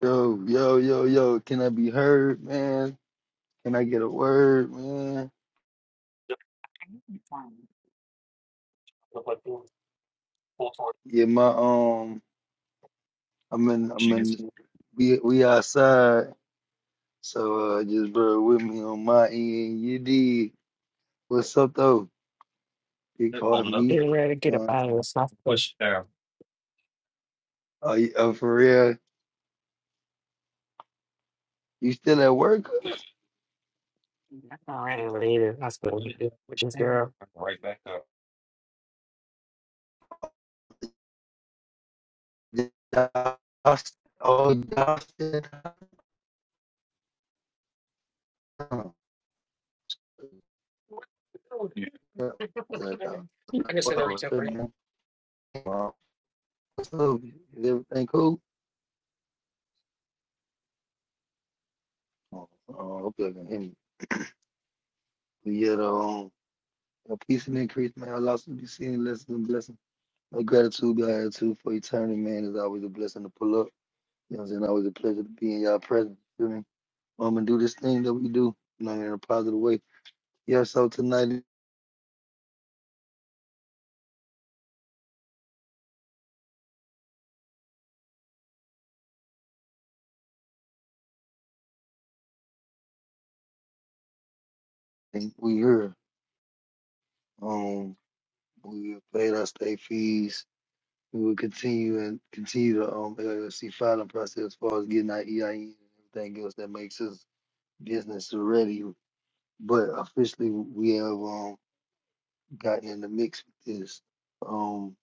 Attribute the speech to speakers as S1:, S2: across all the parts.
S1: Yo, yo, yo, yo, can I be heard, man? Can I get a word, man? Yeah, my um I'm in I'm in we we outside, so uh just bear with me on my end. You did. What's up though? You called me.
S2: Get ready to
S1: You
S2: get
S1: know
S2: up
S1: what I'm
S2: out of
S1: saying?
S2: this hospital.
S1: Are you uh, for real? You still at work? cuz?
S2: I'm ready to leave this hospital, which is girl.
S1: Did y'all s- Oh, y'all still down. Yeah, still down.
S2: I just
S1: Wow,
S2: sent a reach
S1: what's
S2: out
S1: up,
S2: for you.
S1: man? Wow, What's up? Is everything cool? Oh, oh, hope you can hear me. Yet, um, a peace and increase, man. Allah to be seen, listen, and blessing. My gratitude, be attitude for eternity, man, is always a blessing to pull up. You know what I'm saying? Always a pleasure to be in y'all presence. You know? I'm gonna do this thing that we do, you know, in a positive way. Yeah, so tonight we here. Um, we paid our state fees. We will continue and continue the um LLC filing process as far as getting our EIN and everything else that makes us business ready. But officially, we have um. gotten in the mix with this. Um,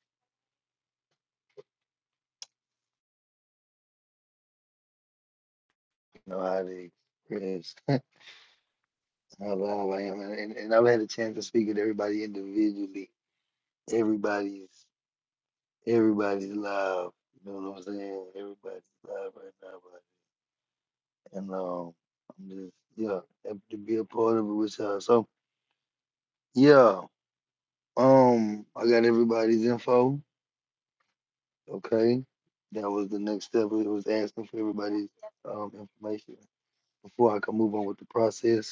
S1: you know how they is how loud I am, and, and and I've had a chance to speak with everybody individually. Everybody's everybody's live. You know what I'm saying? Everybody's live right now, but and um, I'm just yeah happy to be a part of it with y'all. So yeah, um, I got everybody's info. Okay, that was the next step. It was asking for everybody's um information before I could move on with the process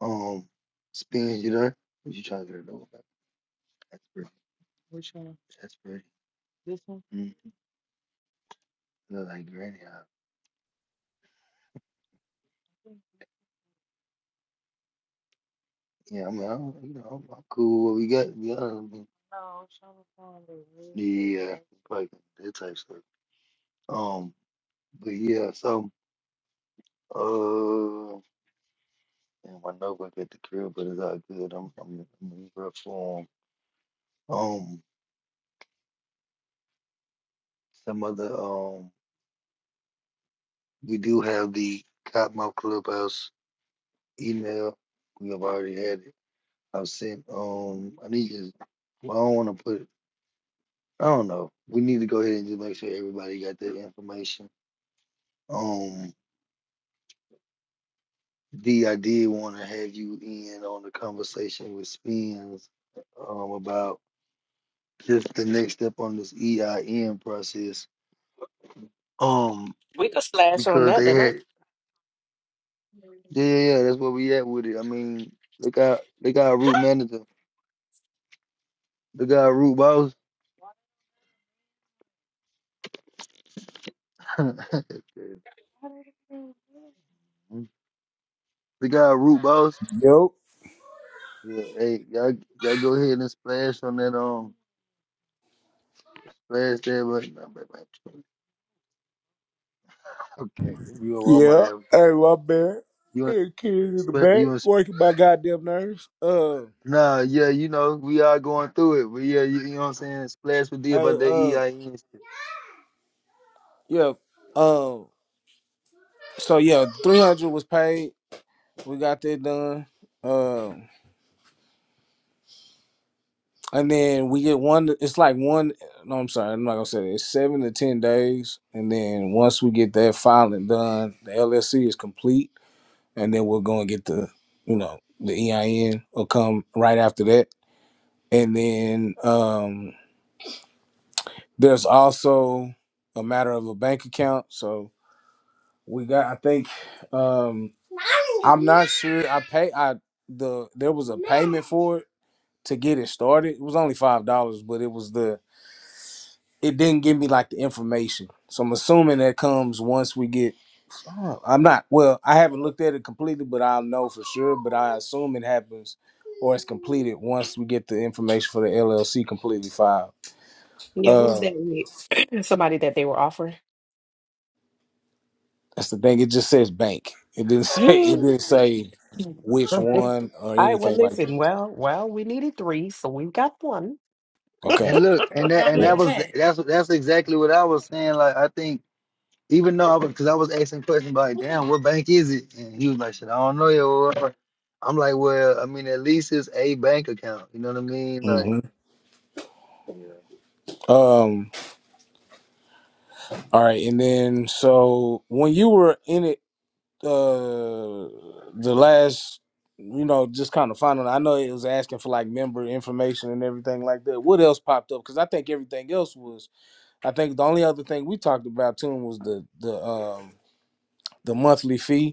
S1: Um, spinach, you there? What you trying to get a double back? That's pretty. That's pretty. Mm. Look like granny. Huh? Yeah, I mean, I'm, you know, I'm, I'm cool. What we got? Yeah, I mean, No, Shama Khan is really yeah, good. like that type stuff. Um, but yeah, so uh, and my notebook at the crib, but it's all good. I'm, I'm, I'm in rough form. Um, some other um, we do have the Cottonmouth Clubhouse email. We have already had it. I said, um, I need to. Well, I don't want to put. I don't know. We need to go ahead and just make sure everybody got that information. Um, D, I did want to have you in on the conversation with Spins, um, about just the next step on this EIM process. Um, because they had, yeah, yeah, yeah, that's where we at with it. I mean, they got they got a root manager, they got a root boss, they got a root boss.
S3: Yo,
S1: Yeah, hey, y'all, y'all go ahead and splash on that um splash there, but no, but- but- okay, we on Walmart
S3: yeah, hey,
S1: every day.
S3: my man,
S1: You want
S3: hey, kids in the
S1: splash?
S3: back,
S1: You want?
S3: working my goddamn nerves. Uh,
S1: Nah, yeah, you know we are going through it, but yeah, you, you know what I'm saying. Splash with D
S3: hey,
S1: about that
S3: uh,
S1: EIN shit.
S3: yeah, um, so yeah, three hundred was paid. We got that done. Um, and then we get one. It's like one. No, I'm sorry, I'm not gonna say that. It's seven to ten days, and then once we get that filing done, the LSC is complete, and then we're gonna get the, you know, the EIN will come right after that, and then um. There's also a matter of a bank account. So we got I think um I'm not sure I pay I the there was a payment for it to get it started. It was only five dollars, but it was the it didn't give me like the information. So I'm assuming that comes once we get oh, I'm not well, I haven't looked at it completely, but I'll know for sure. But I assume it happens or it's completed once we get the information for the LLC completely filed.
S2: Yeah,
S3: Uh,
S2: who's that with? Somebody that they were offering.
S3: That's the thing. It just says bank. It didn't say. It
S2: All
S3: didn't say which one or
S2: right, well,
S3: anything like that.
S2: listen, well, well, we needed three, so we've got one.
S3: Okay.
S1: And look, and that and that
S3: Yeah.
S1: was the- that's that's exactly what I was saying. Like I think even though I was because I was asking questions like, damn, what bank is it? And he was like, shit, I don't know. Yo. I'm like, well, I mean, at least it's a bank account. You know what I mean?
S3: hmm
S1: Like.
S3: Um. All right. And then, so when you were in it, uh, the last, you know, just kind of finding. I know it was asking for like member information and everything like that. What else popped up? Because I think everything else was. I think the only other thing we talked about too was the the um the monthly fee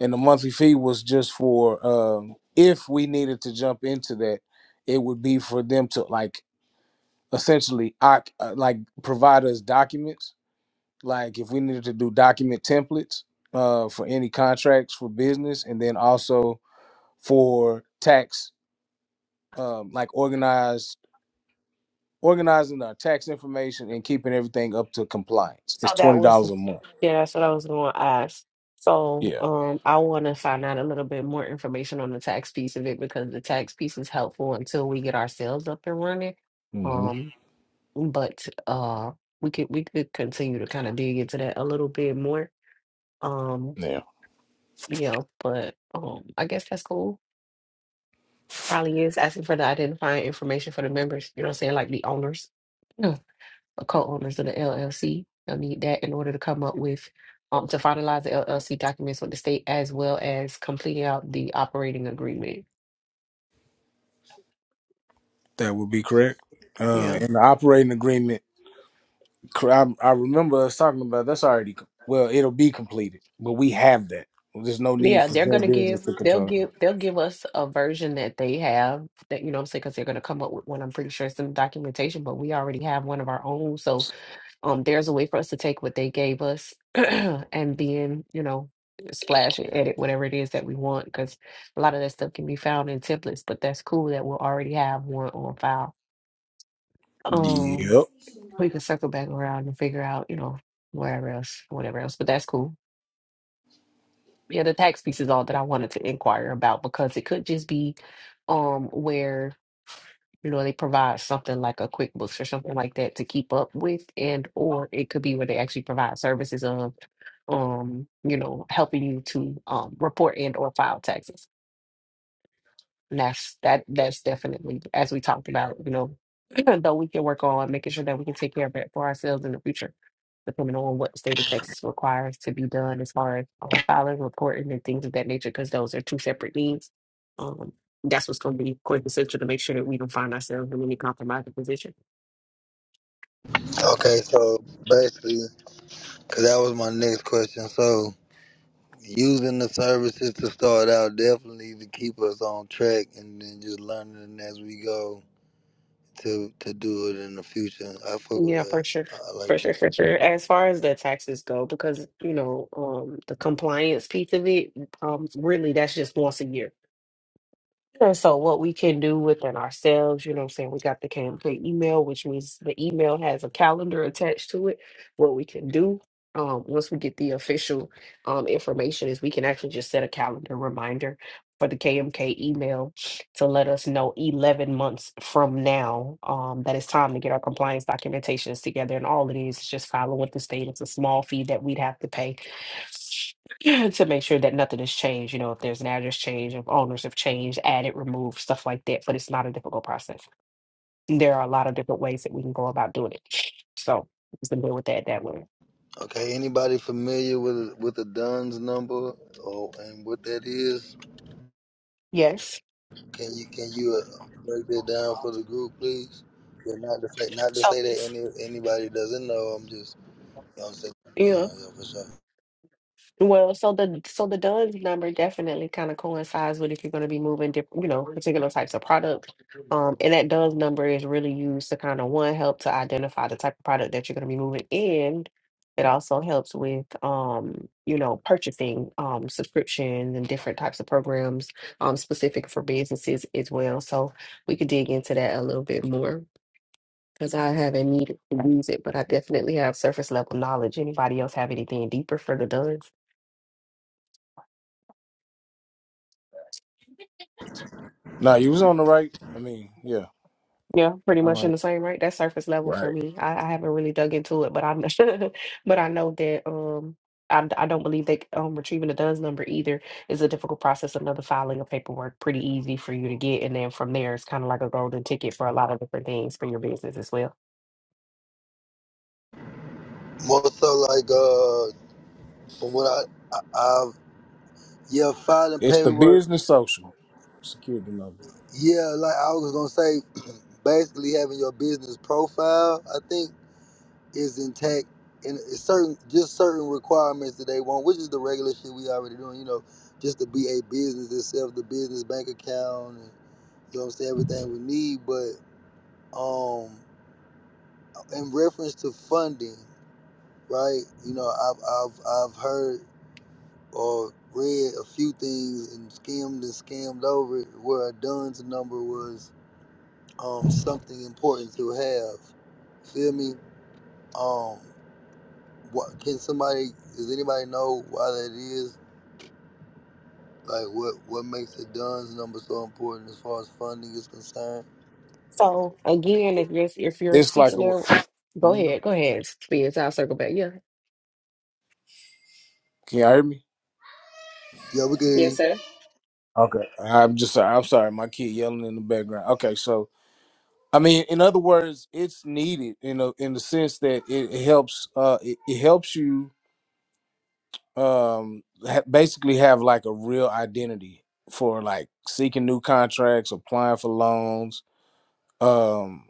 S3: and the monthly fee was just for um, if we needed to jump into that, it would be for them to like essentially oc- uh, like provide us documents. Like if we needed to do document templates uh, for any contracts for business, and then also for tax, um, like organized organizing our tax information and keeping everything up to compliance. It's
S2: So
S3: twenty
S2: that was,
S3: dollars a month.
S2: yeah, that's what I was going to ask. So
S3: Yeah.
S2: um, I want to find out a little bit more information on the tax piece of it because the tax piece is helpful until we get ourselves up and running.
S3: hmm
S2: Um, but uh, we could we could continue to kind of dig into that a little bit more Um,
S3: Yeah.
S2: yeah, but um, I guess that's cool. Probably is asking for the identifying information for the members, you know what I'm saying? Like the owners, no, the co-owners of the LLC. They'll need that in order to come up with um to finalize the LLC documents with the state as well as completing out the operating agreement.
S3: That would be correct. Uh,
S2: Yeah.
S3: and the operating agreement. I, I remember us talking about that's already co- well, it'll be completed, but we have that. There's no need
S2: Yeah,
S3: for
S2: they're
S3: Zen
S2: gonna
S3: business
S2: give
S3: to
S2: they'll
S3: control. it.
S2: give they'll give us a version that they have that you know what I'm saying because they're gonna come up with one. I'm pretty sure it's in the documentation, but we already have one of our own. So Um, there's a way for us to take what they gave us and being, you know, splash and edit whatever it is that we want, because a lot of that stuff can be found in templates, but that's cool that we'll already have one on file. Um,
S3: Yep.
S2: we can circle back around and figure out, you know, wherever else, whatever else, but that's cool. Yeah, the tax piece is all that I wanted to inquire about because it could just be um where you know they provide something like a QuickBooks or something like that to keep up with and or it could be where they actually provide services of um you know helping you to um report and or file taxes. And that's that that's definitely as we talked about, you know, though we can work on making sure that we can take care of it for ourselves in the future, depending on what the state of Texas requires to be done as far as um, filing, reporting, and things of that nature, because those are two separate needs. Um, that's what's going to be quite essential to make sure that we don't find ourselves in any compromising position.
S1: Okay, so basically, because that was my next question. So, using the services to start out definitely to keep us on track, and then just learning as we go to to do it in the future. I fuck with
S2: Yeah,
S1: that.
S2: for sure.
S1: I like.
S2: For sure, for sure. As far as the taxes go, because you know, um, the compliance piece of it, um, really, that's just once a year. And so what we can do within ourselves, you know what I'm saying? We got the campaign email, which means the email has a calendar attached to it. What we can do um, once we get the official um, information is we can actually just set a calendar reminder for the KMK email to let us know 11 months from now um, that it's time to get our compliance documentations together. And all it is is just following with the state. It's a small fee that we'd have to pay to make sure that nothing has changed. You know, if there's an address change, if owners have changed, added, removed, stuff like that. But it's not a difficult process. And there are a lot of different ways that we can go about doing it. So we can deal with that that way.
S1: that. Okay, anybody familiar with with the Dunn's number or and what that is?
S2: Yes.
S1: Can you can you uh, break that down for the group, please? Yeah, not to say not to
S2: So,
S1: say that any anybody doesn't know. I'm just you know what I'm saying. Yeah,
S2: yeah.
S1: yeah, for sure.
S2: Well, so the so the DUNS number definitely kind of coincides with if you're going to be moving different, you know, particular types of products. Um, and that DUNS number is really used to kind of one help to identify the type of product that you're going to be moving, and it also helps with um, you know, purchasing um subscriptions and different types of programs um specific for businesses as well. So we could dig into that a little bit more because I haven't needed to use it, but I definitely have surface level knowledge. Anybody else have anything deeper for the DUNS?
S3: Now you was on the right. I mean, yeah,
S2: Yeah, pretty
S3: I'm
S2: much in
S3: right.
S2: the same right. That's surface level for
S3: Right.
S2: me. I, I haven't really dug into it, but I know, but I know that um I, d- I don't believe that um retrieving the DUNS number either is a difficult process. Another filing of paperwork pretty easy for you to get, and then from there it's kind of like a golden ticket for a lot of different things for your business as well.
S1: More so like uh But what I, I I've, yeah, filing
S3: It's the
S1: paperwork.
S3: business social security number.
S1: Yeah, like I was gonna say, basically having your business profile, I think, is intact, and it's certain just certain requirements that they want, which is the regular shit we already doing. You know, just to be a business itself, the business bank account, and you know what I'm saying, everything we need. But um, in reference to funding, right? You know, I've I've I've heard. or read a few things and skimmed and skimmed over it where Dunn's number was um, something important to have. Feel me? Um, what can somebody? Does anybody know why that is? Like, what what makes the Dunn's number so important as far as funding is concerned?
S2: So again, if you're if you're
S3: It's like
S2: speaking
S3: a.
S2: there, go
S3: Mm.
S2: ahead, go ahead, Spence. I'll circle back. Yeah,
S3: Can you hear me?
S1: Yeah, we can hear
S2: yes,
S1: you.
S2: sir.
S3: Okay. I'm just. I'm sorry. My kid yelling in the background. Okay. So I mean, in other words, it's needed You know, in the sense that it, it helps. Uh, it, it helps you um ha- basically have like a real identity for like seeking new contracts applying for loans um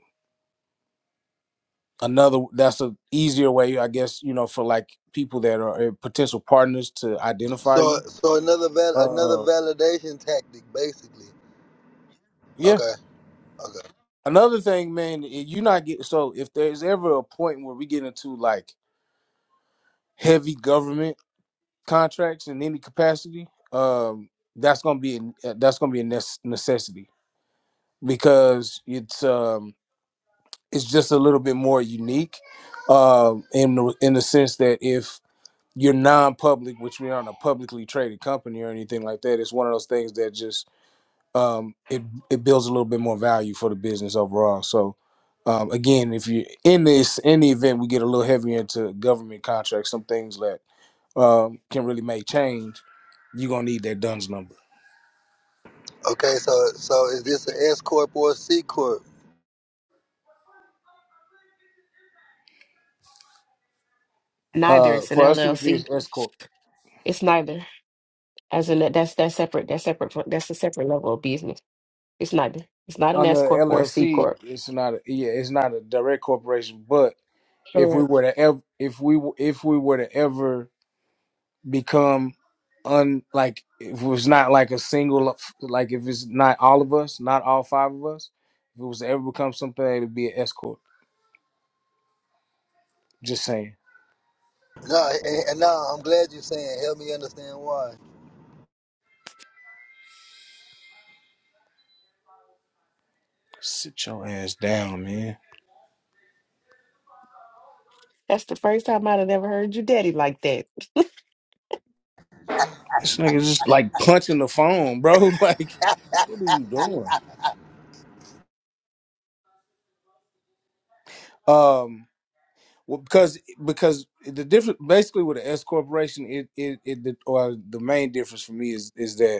S3: another that's a easier way i guess you know for like people that are uh, potential partners to identify
S1: So,
S3: you
S1: so another val- another
S3: uh
S1: validation tactic, basically.
S3: yeah
S1: Okay, okay,
S3: another thing man i- you not get so if there's ever a point where we get into like heavy government contracts in any capacity um that's gonna be a- that's gonna be a nes- necessity because it's um it's just a little bit more unique uh, in the, in the sense that if you're non-public, which we aren't a publicly traded company or anything like that, it's one of those things that just um, it it builds a little bit more value for the business overall. So um, again, if you in this in the event we get a little heavier into government contracts, some things that um, can really make change, you're gonna need that DUNS number.
S1: okay. So, so is this an S corp or a C corp?
S2: Neither
S3: Uh,
S2: it's an
S3: for us, it would be
S2: LLC.
S3: an S corp.
S2: It's neither. As in that that's that's separate. That's separate from that's a separate level of business. It's neither. It's not an
S3: On the
S2: S corp or a C
S3: LLC,
S2: corp.
S3: it's not a, yeah, it's not a direct corporation, but if
S2: Sure.
S3: we were to ever if we w- if we were to ever become un like if it was not like a single like if it's not all of us not all five of us if it was to ever become something it'd be an escort just saying
S1: No, and, and no, I'm glad you're saying. Help me understand why.
S3: sit your ass down man
S2: That's the first time I'd have ever heard your daddy like that.
S3: this nigga just like punching the phone bro like what are you doing um well, because because the difference basically with the S corporation it it, it the, or the main difference for me is is that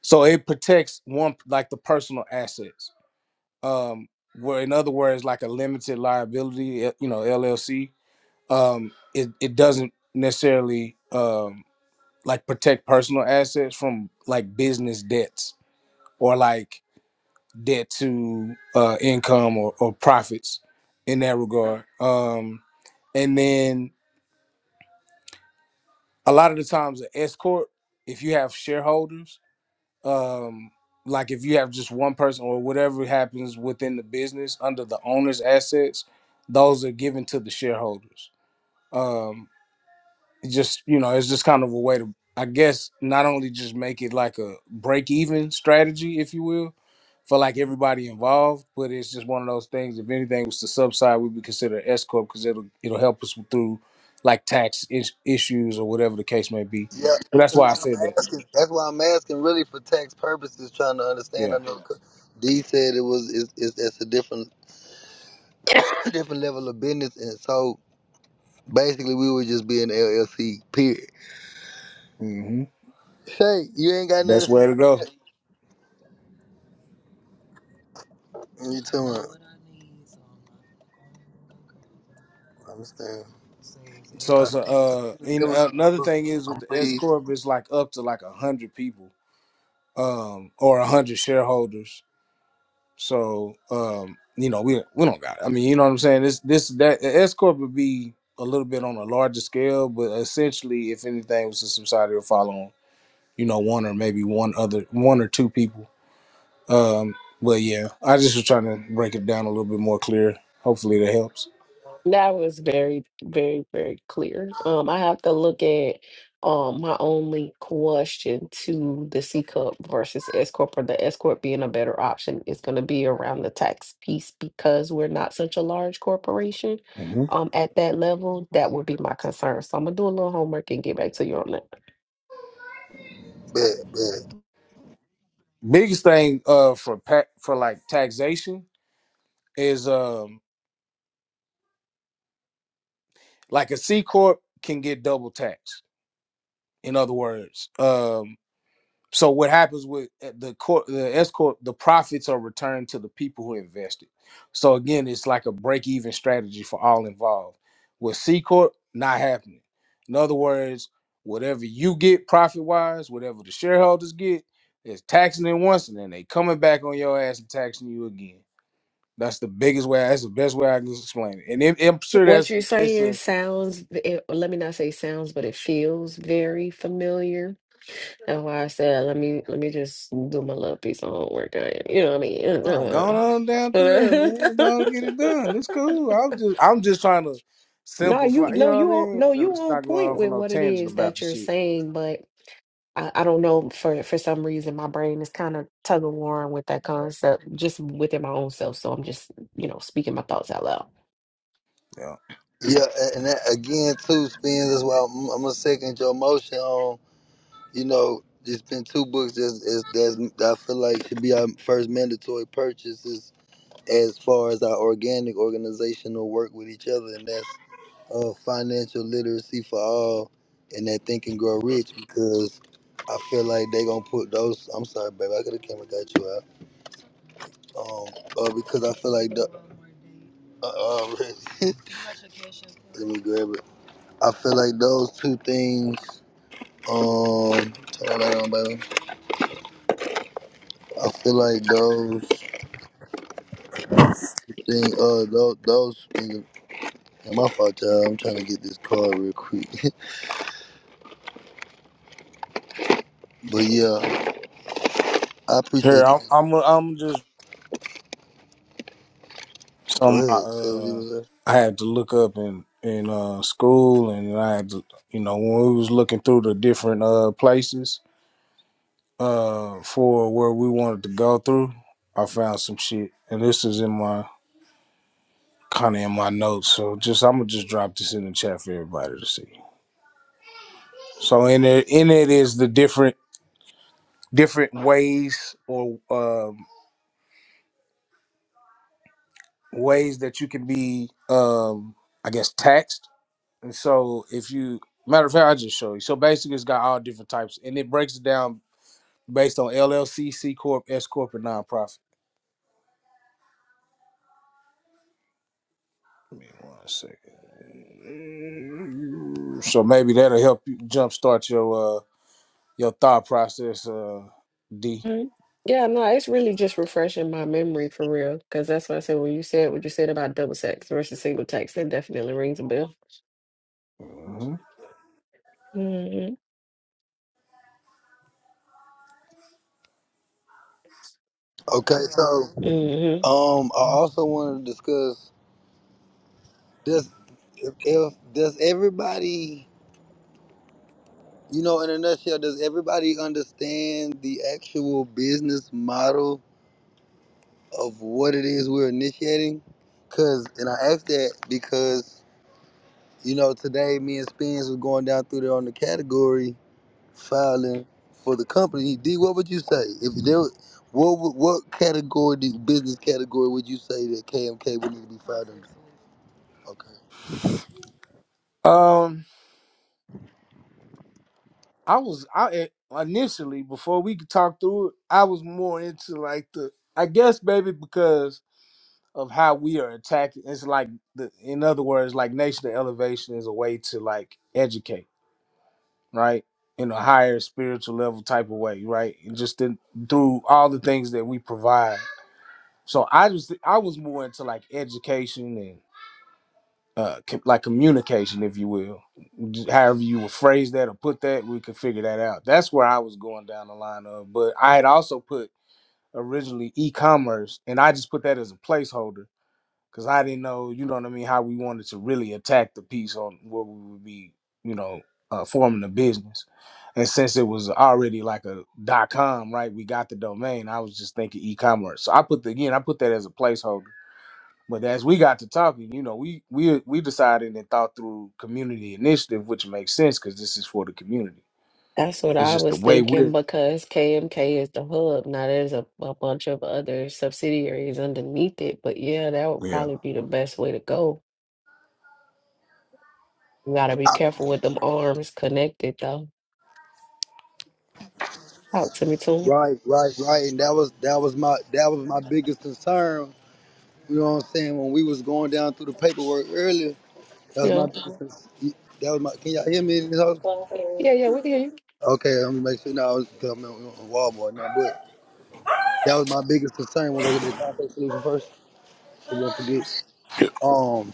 S3: So it protects one like the personal assets. Um, where in other words, like a limited liability, eh, you know, LLC. Um, it it doesn't necessarily um like protect personal assets from like business debts or like debt to uh income or, or profits in that regard. Um and then a lot of the times an S corp, if you have shareholders, um like if you have just one person or whatever happens within the business under the owner's assets those are given to the shareholders um it just you know it's just kind of a way to i guess not only just make it like a break even strategy if you will for like everybody involved but it's just one of those things if anything was to subside we would consider an s corp because it'll it'll help us through like tax is- issues or whatever the case may be
S1: Yeah,
S3: so
S1: which
S3: that's
S1: is
S3: why i
S1: why I'm
S3: said that
S1: asking. That's why I'm asking, really, for tax purposes, trying to understand. I
S3: yeah
S1: know c- D said it was it's, it's, it's a different different level of business, and so basically we would just be an LLC. Period.
S3: hmm
S1: Shay, you ain't got nothing
S3: best
S1: to
S3: way
S1: say
S3: to
S1: on
S3: go
S1: that. You too much. I understand. I see.
S3: So
S1: I
S3: it's a uh,
S1: see the
S3: and
S1: limit. I
S3: another
S1: was.
S3: thing is
S1: I'm
S3: with the S
S1: pleased.
S3: corp, it's like up to like a hundred people, um, or a hundred shareholders. So um, you know, we we don't got. It. I mean, you know what I'm saying. This this that the S corp would be a little bit on a larger scale, but essentially, if anything was to subside, it'll follow on. You know, one or maybe one other, one or two people. Um, but yeah, I just was trying to break it down a little bit more clear. Hopefully, that helps.
S2: That was very, very, very clear. Um, I have to look at um my only question to the C corp versus S corp, or the S corp being a better option is going to be around the tax piece because we're not such a large corporation.
S3: hmm
S2: um at that level, that would be my concern. So I'm gonna do a little homework and get back to you on that.
S1: Bet, bet.
S3: Biggest thing uh for pa- for like taxation is um like a C corp can get double taxed. In other words, um so what happens with eh, the corp the S corp the profits are returned to the people who invested. So again, it's like a break even strategy for all involved. With C corp not happening. In other words, whatever you get profit wise, whatever the shareholders get is taxing it once and then they coming back on your ass and taxing you again. That's the biggest way. That's the best way I can explain it. And it, I'm sure
S2: What
S3: that's
S2: you're
S3: it's a
S2: saying sounds, v- it, let me not say sounds, but it feels very familiar. And why I said, let me let me just do my little piece of homework. uh, You know what I
S3: Nah,
S2: mean?
S3: going on down through there,
S2: no,
S3: man. Go on get it done. It's cool. I'm just I'm just trying to
S2: you
S3: simplify. You
S2: no,
S3: know what I
S2: you on
S3: mean?
S2: no,
S3: And
S2: you
S3: It's
S2: on
S3: not going
S2: point
S3: on for
S2: with
S3: no
S2: what it
S3: tangent
S2: is
S3: about
S2: that
S3: the
S2: you're
S3: shit.
S2: saying, but I, I don't know for for some reason my brain is kind of tug of warring with that concept just within my own self. So I'm just, you know, speaking my thoughts out loud.
S3: Yeah.
S1: Yeah, a- and that, again, too, Spins, that's why I'm, I'm gonna second your motion on. You know, there's been two books that's, is, that's that I feel like should be our first mandatory purchases as far as our organic organizational work with each other, and that's uh, financial literacy for all, and that Think and Grow Rich because I feel like they gonna put those. I'm sorry, baby, I could have came and got you out. Um, uh, because I feel like the. Uh, already. Let me grab it. I feel like those two things. Um, turn that on, baby. I feel like those things. Uh, those those. Things, my fault, y'all. I'm trying to get this card real quick. but yeah, I
S3: Here,
S1: appreciate you.
S3: I'm I'm I'm just
S1: Go
S3: some
S1: ahead, say what you
S3: uh
S1: was saying.
S3: I had to look up in in uh school and I had to you know when we was looking through the different uh places uh for where we wanted to go through, I found some shit and this is in my kind of in my notes. So just I'm gonna just drop this in the chat for everybody to see. So in it, in it is the different different ways or um, ways that you can be, um, I guess, taxed. And so if you matter of fact, I'll just show you. So basically, it's got all different types, and it breaks it down based on LLC, C C corp, S corp, and nonprofit. One second. So maybe that'll help you jumpstart your uh, your thought process, uh, D.
S2: Mhm. Yeah, no, it's really just refreshing my memory for real. Because that's what I said when you said what you said about double sex versus single tax. That definitely rings.
S3: Mhm.
S2: hmm
S1: Okay, so
S2: hmm
S1: um, I also wanted to discuss. Does if, if does everybody, you know, in a nutshell, does everybody understand the actual business model of what it is we're initiating. Cause and I asked that because, you know, today me and Spence was going down through there on the category filing for the company. D, what would you say? If there was- what would- what category do- business category would you say that KMK would need to be filed under? Okay.
S3: Um, I was I initially before we could talk through it, I was more into like the I guess maybe because of how we are attacking. It's like the in other words, like national elevation is a way to like educate, right? In a higher spiritual level type of way, right? And just in, through all the things that we provide. So I just I was more into like education uh, com- like communication, if you will. J- However, you would phrase that or put that, we could figure that out. That's where I was going down the line of. But I had also put originally e commerce, and I just put that as a placeholder because I didn't know, you know what I mean, how we wanted to really attack the piece on where we would be, you know, uh, forming a business. And since it was already like a dot com, right? We got the domain. I was just thinking e commerce. So I put the, again, I put that as a placeholder but as we got to talking, you know, we we we decided and thought through community initiative, which makes sense because this is for the community.
S2: That's what
S3: It's
S2: I
S3: just the
S2: was
S3: way
S2: thinking
S3: we're
S2: because KMK is the hub. Now there's a, a bunch of other subsidiaries underneath it, but yeah, that would
S3: yeah.
S2: probably be the best way to go. You gotta be careful with them arms connected though. Talk to me, too.
S1: Right, right, right. And that was that was my that was my biggest concern. You know what I'm saying? When we was going down through the paperwork earlier, that
S2: You
S1: was my
S2: know,
S1: biggest concern. That was my. Can y'all hear me?
S2: yeah, yeah, we can
S1: Okay, let me make sure now I was coming on Walmart now, but that was my biggest concern. We're gonna get that contact solution first, so we don't forget. Um,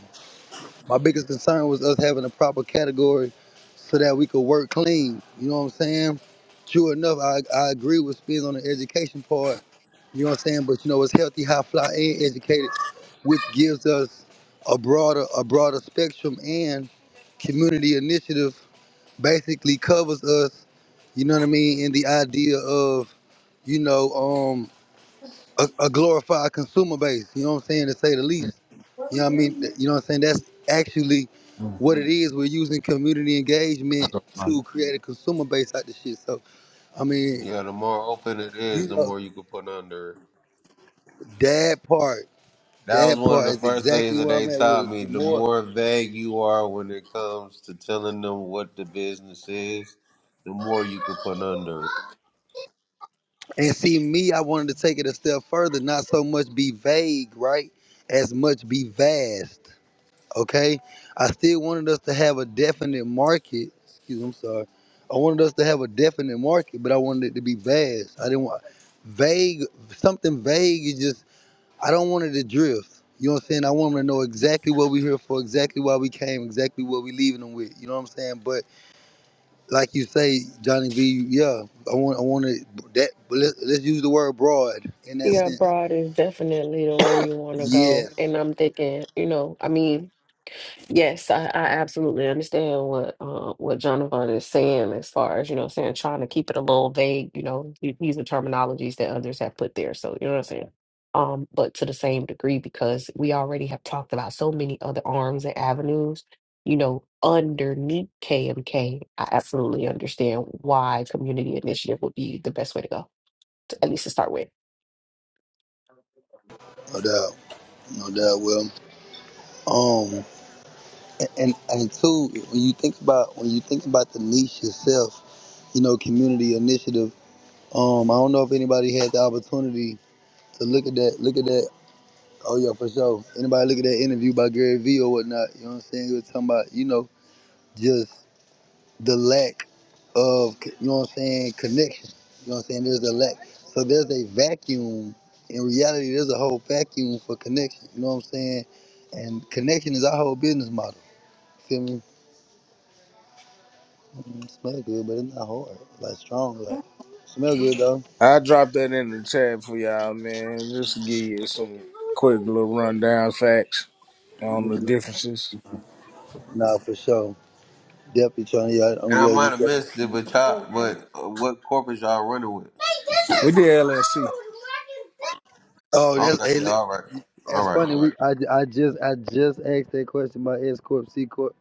S1: my biggest concern was us having a proper category so that we could work clean. You know what I'm saying? True enough, I, I agree with Spins on the education part. You know what I'm saying? But you know, it's healthy, high fly, and educated, which gives us a broader a broader spectrum and community initiative basically covers us, you know what I mean, in the idea of, you know, um, a, a glorified consumer base, you know what I'm saying, to say the least. You know what I mean? You know what I'm saying? That's actually what it is. We're using community engagement to create a consumer base out the shit. So, I mean,
S4: Yeah, the more open it is,
S1: you
S4: the
S1: know,
S4: more you can put under it.
S1: that part,
S4: That was
S1: that
S4: one of
S1: part
S4: the
S1: is
S4: first things
S1: exactly
S4: that
S1: where
S4: they
S1: I'm at with
S4: taught
S1: it.
S4: me.
S1: The
S4: The
S1: more,
S4: more vague you are when it comes to telling them what the business is, the more you can put under it.
S1: and see, me, I wanted to take it a step further, not so much be vague, right? As much be vast. Okay, I still wanted us to have a definite market. Excuse, me, I'm sorry. I wanted us to have a definite market, but I wanted it to be vast. I didn't want vague. Something vague is just. I don't want it to drift. You know what I'm saying? I want them to know exactly what we're here for, exactly why we came, exactly what we leaving them with. You know what I'm saying? But like you say, Johnny B, yeah, I want, I want it that. But let's, let's use the word broad in that
S2: Yeah,
S1: sense.
S2: abroad is definitely the way you want to go.
S1: Yes,
S2: And I'm thinking, you know, I mean, yes, I, I absolutely understand what uh, what Jonathan is saying as far as, you know, what I'm saying trying to keep it a little vague, you know, u- using terminologies that others have put there. So, you know what I'm saying? Um, but to the same degree, because we already have talked about so many other arms and avenues, you know, underneath KMK, I absolutely understand why community initiative would be the best way to go. to- at least to start with.
S1: no doubt, no doubt. Well, Um. and and two, when you think about when you think about the niche itself, you know, community initiative. Um, I don't know if anybody had the opportunity to look at that. Look at that. Oh yeah, for sure. Anybody look at that interview by Gary Vee or whatnot? You know what I'm saying? He was talking about you know just the lack of you know what I'm saying connection. You know what I'm saying? There's a lack. So there's a vacuum. In reality, there's a whole vacuum for connection. You know what I'm saying? And connection is our whole business model. Feel me? Mm, Smell good, but it's not hard. Like strong, like smell good though.
S3: I dropped that in the chat for y'all, man, just to give you some quick little rundown facts on the differences.
S1: Nah, for sure. Definitely, Tony. I,
S4: And
S1: I'm
S4: I
S1: glad
S4: might
S1: you.
S4: have missed it, but y'all, but uh, what corporate y'all running with?
S3: We did LSC.
S1: Oh, that's
S4: Okay,
S1: hey,
S4: yeah,
S1: li-
S4: all right, all
S1: that's
S4: right.
S1: funny. We I, ju- I just I just asked that question about S corp, C corp,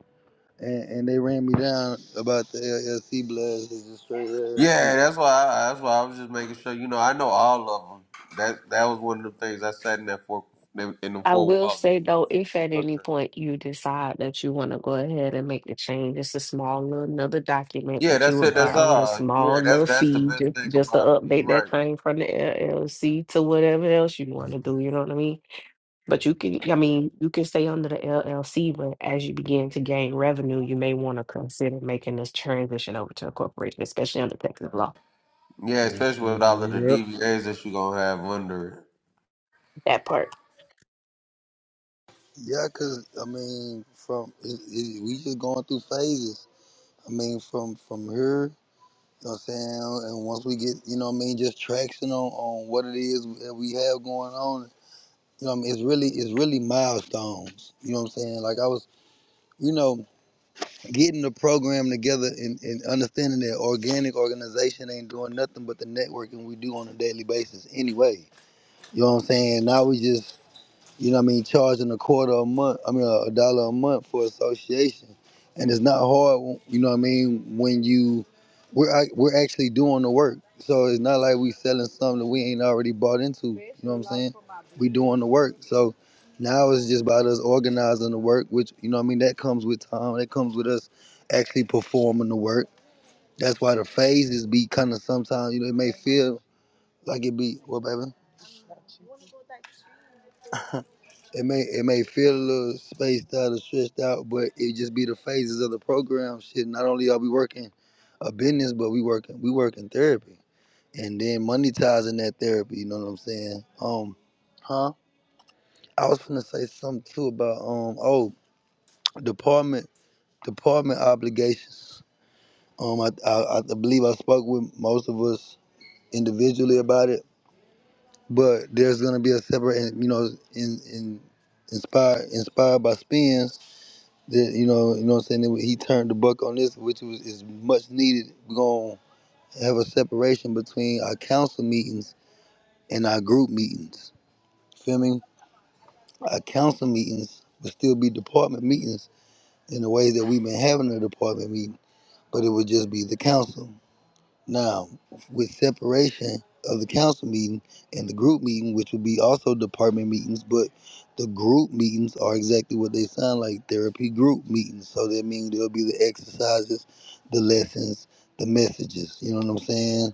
S1: and, and they ran me down about the LLC blast. It's just straight
S4: Yeah,
S1: LLC.
S4: that's why. I, that's why I was just making sure. You know, I know all of them. That that was one of the things I sat in that four in the
S2: I
S4: four
S2: will
S4: walls.
S2: say though, if at any point you decide that you want to go ahead and make the change, it's a small little another document
S4: Yeah,
S2: that you
S4: that's it.
S2: would
S4: That's
S3: Right.
S2: file with a
S4: all. Yeah,
S2: small
S4: that's
S2: little
S4: that's the
S2: fee
S4: best
S2: just,
S4: thing
S2: just to
S4: about it. You're
S2: update that
S4: right.
S2: thing from the LLC to whatever else you want to do. You know what I mean? But you can, I mean, you can stay under the LLC, but as you begin to gain revenue, you may want to consider making this transition over to a corporation, especially under Texas law.
S4: Yeah, especially with all of the
S3: Yep.
S4: DVAs that you're gonna have under
S2: That part.
S1: Yeah, cause I mean, from it, it, we just going through phases. I mean, from from here, you know what I'm saying, and once we get, you know, what I mean, just traction on on what it is that we have going on You know what I mean? It's really it's really milestones. You know what I'm saying? Like I was, you know, getting the program together and, and understanding that organic organization ain't doing nothing but the networking we do on a daily basis anyway. You know what I'm saying? Now we just you know what I mean? Charging a quarter a month, I mean, a dollar a month for association. And it's not hard, you know what I mean, when you, we're, ac- we're actually doing the work. So it's not like we selling something that we ain't already bought into. You know what I'm saying? We doing the work. So now it's just about us organizing the work, which, you know what I mean, that comes with time. That comes with us actually performing the work. That's why the phases be kind of sometimes, you know, it may feel like it be, what, baby? It may it may feel a little spaced out or stretched out, but it just be the phases of the program. Shit, not only are we working a business, but we working we working therapy, and then monetizing that therapy. You know what I'm saying? Um, huh? I was gonna say something too about um oh department department obligations. Um, I I, I believe I spoke with most of us individually about it, but there's gonna be a separate and you know in in inspired inspired by spins that you know, you know what I'm saying. He turned the buck on this, which was is much needed. We're gonna have a separation between our council meetings and our group meetings. Feel me? Our council meetings would still be department meetings in the way that we've been having a department meeting, but it would just be the council. Now, with separation of the council meeting and the group meeting, which would be also department meetings, but the group meetings are exactly what they sound like therapy group meetings. So that means there'll be the exercises, the lessons, the messages. You know what I'm saying?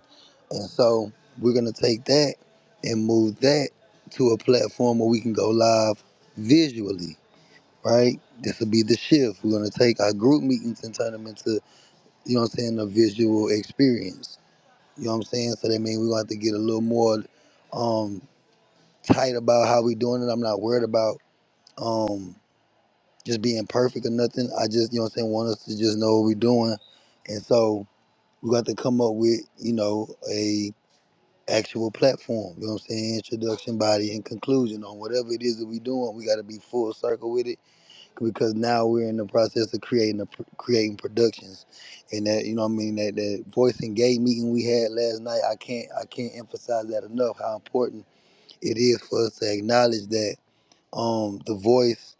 S1: And so we're going to take that and move that to a platform where we can go live visually, right? This will be the shift. We're going to take our group meetings and turn them into, you know what I'm saying, a visual experience you know what I'm saying? So that means we're gonna have to get a little more um tight about how we doing it. I'm not worried about um just being perfect or nothing. I just, you know what I'm saying, want us to just know what we're doing. And so we got to come up with, you know, a actual platform, you know what I'm saying? Introduction, body, and conclusion on whatever it is that we doing, we gotta be full circle with it because now we're in the process of creating a, creating productions and that you know what i mean that that voice and gay meeting we had last night i can't i can't emphasize that enough how important it is for us to acknowledge that um the voice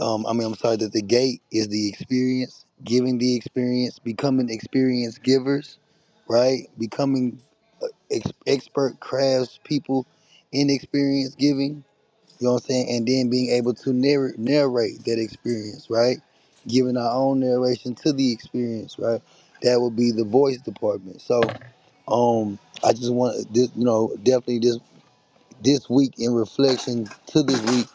S1: um i mean i'm sorry that the gate is the experience giving the experience becoming experience givers right becoming uh, ex- expert crafts people in experience giving you know what I'm saying? And then being able to narr- narrate that experience, right? Giving our own narration to the experience, right? That would be the voice department. So, um, I just want this, you know, definitely this this week in reflection to this week,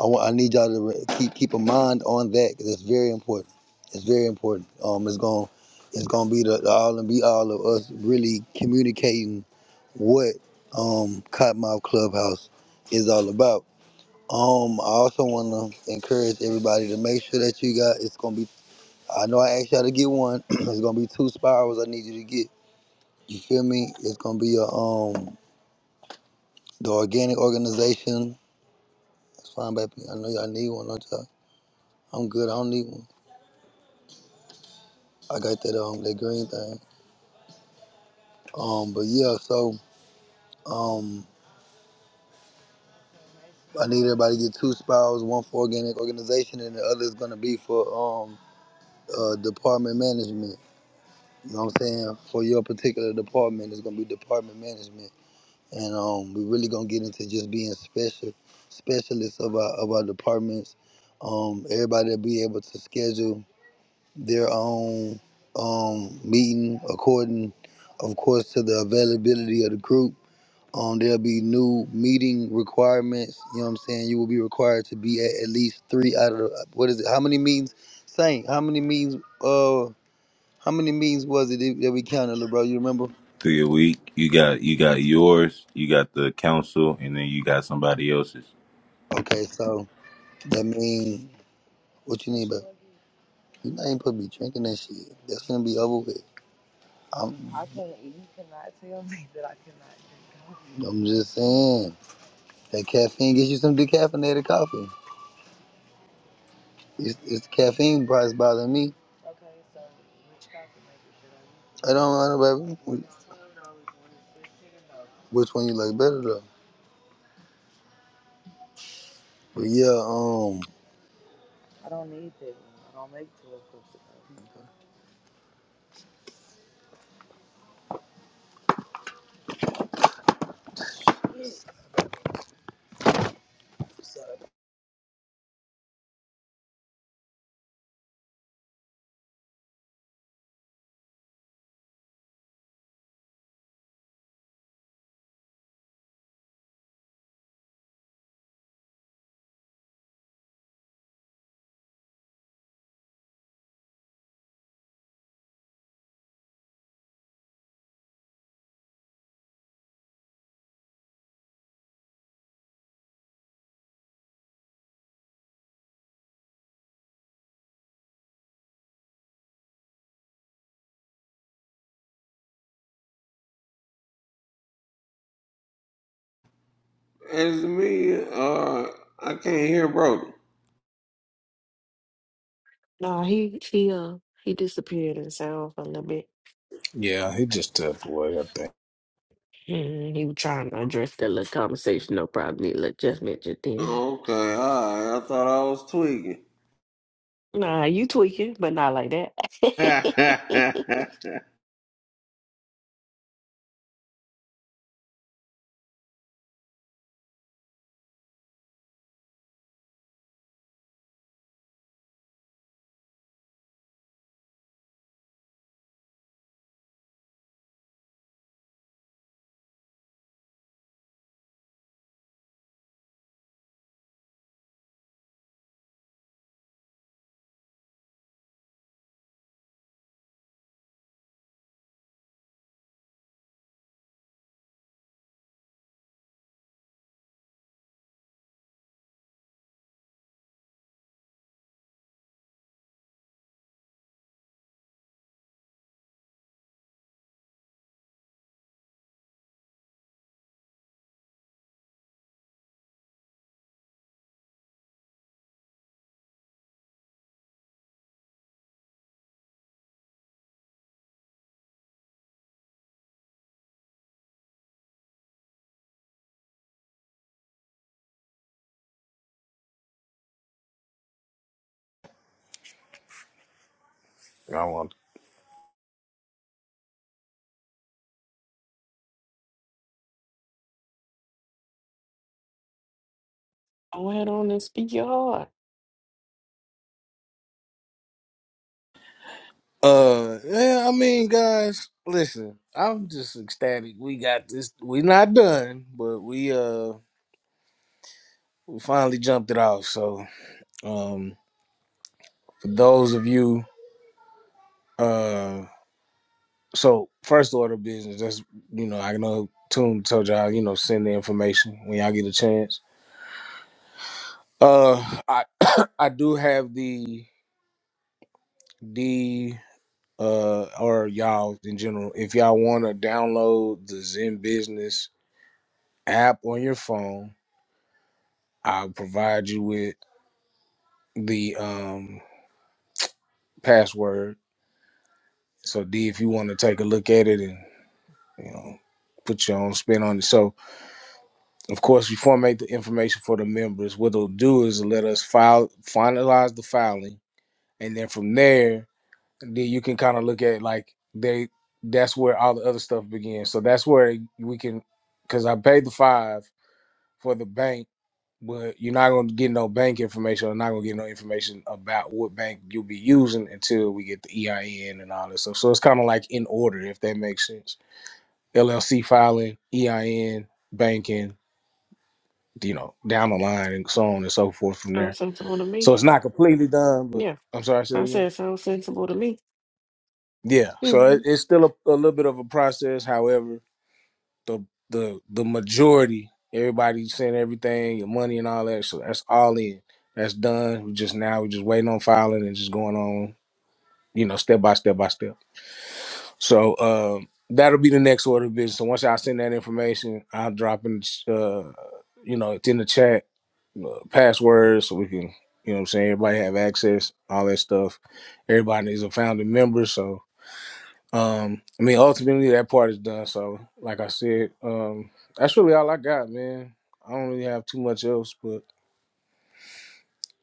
S1: I want I need y'all to re- keep keep a mind on that because it's very important. It's very important. Um, it's going to it's gonna be the, the all and be all of us really communicating what um Cottonmouth Clubhouse is all about um, I also want to encourage everybody to make sure that you got. It's gonna be. I know I asked y'all to get one. it's gonna be two spirals. I need you to get. You feel me? It's gonna be a um the organic organization. That's fine, baby. I know y'all need one, don't y'all? I'm good. I don't need one. I got that um that green thing. Um, but yeah, so um I need everybody to get two spirals. One for organic organization, and the other is gonna be for um uh department management. You know what I'm saying? For your particular department, it's gonna be department management, and um, we're really gonna get into just being special specialists of our of our departments. Um, everybody will be able to schedule their own um meeting according, of course, to the availability of the group. Um, there'll be new meeting requirements. You know what I'm saying? You will be required to be at at least three out of the, what is it? How many meetings? Saint, how many meetings? Uh. How many meetings was it that we counted, little bro? You remember?
S5: through your week. You got you got yours, you got the council, and then you got somebody else's.
S1: Okay, so that mean what you need, but you not even supposed to be drinking that shit. That's gonna be over with. I'm, coffee. I'm just saying that caffeine gets you some decaffeinated coffee. It's, it's the caffeine price bothering me. I don't know, baby. Which one you like better though? But yeah, um,
S4: it. As to me, uh, I can't hear Brody.
S2: No, he he uh he disappeared and sound for a little bit.
S3: Yeah, he just took away, I think.
S2: Mhm, He was trying to address that little conversation, no problem. He look- just mentioned then.
S4: Okay, all right. I thought I was tweaking.
S2: Nah, you tweaking, but not like that.
S4: yeah,
S3: I want.
S2: Go ahead on and speak your heart.
S3: Uh, yeah, I mean, guys, listen, I'm just ecstatic. We got this. We're not done, but we uh we finally jumped it off. So, um, for those of you, uh, so first order of business. That's you know, I know Toon told y'all, you know, send the information when y'all get a chance. Uh, I I do have the the uh or y'all in general if y'all want to download the zen business app on your phone I'll provide you with the um, password. So D, if you want to take a look at it and you know put your own spin on it. So of course, we formate the information for the members. What it'll do is let us file finalize the filing, and then from there, then you can kind of look at like they. That's where all the other stuff begins. So that's where we can, because I paid the five. for the bank, but you're not gonna get no bank information or not gonna get no information about what bank you'll be using until we get the EIN and all this stuff. So it's kind of like in order, if that makes sense. LLC filing, EIN, banking, you know, down the line and so on and so forth from there.
S2: Sounds sensible to
S3: So
S2: me.
S3: it's not completely done, but
S2: Yeah,
S3: I'm sorry, I said
S2: I
S3: again.
S2: said sounds sensible to me.
S3: Yeah, so it,
S2: Mhm.
S3: it's still a, a little bit of a process. However. the the the majority. Everybody sent everything, your money and all that. So that's all in. That's done. We just now we just waiting on filing and just going on, you know, step by step by step. So um that'll be the next order of business. So once I send that information, I'll drop in uh, you know, it's in the chat, uh, passwords so we can you know what I'm saying, everybody have access, all that stuff. Everybody is a founding member, so um, I mean, ultimately that part is done. So, like I said, um, that's really all I got, man. I don't really have too much else, but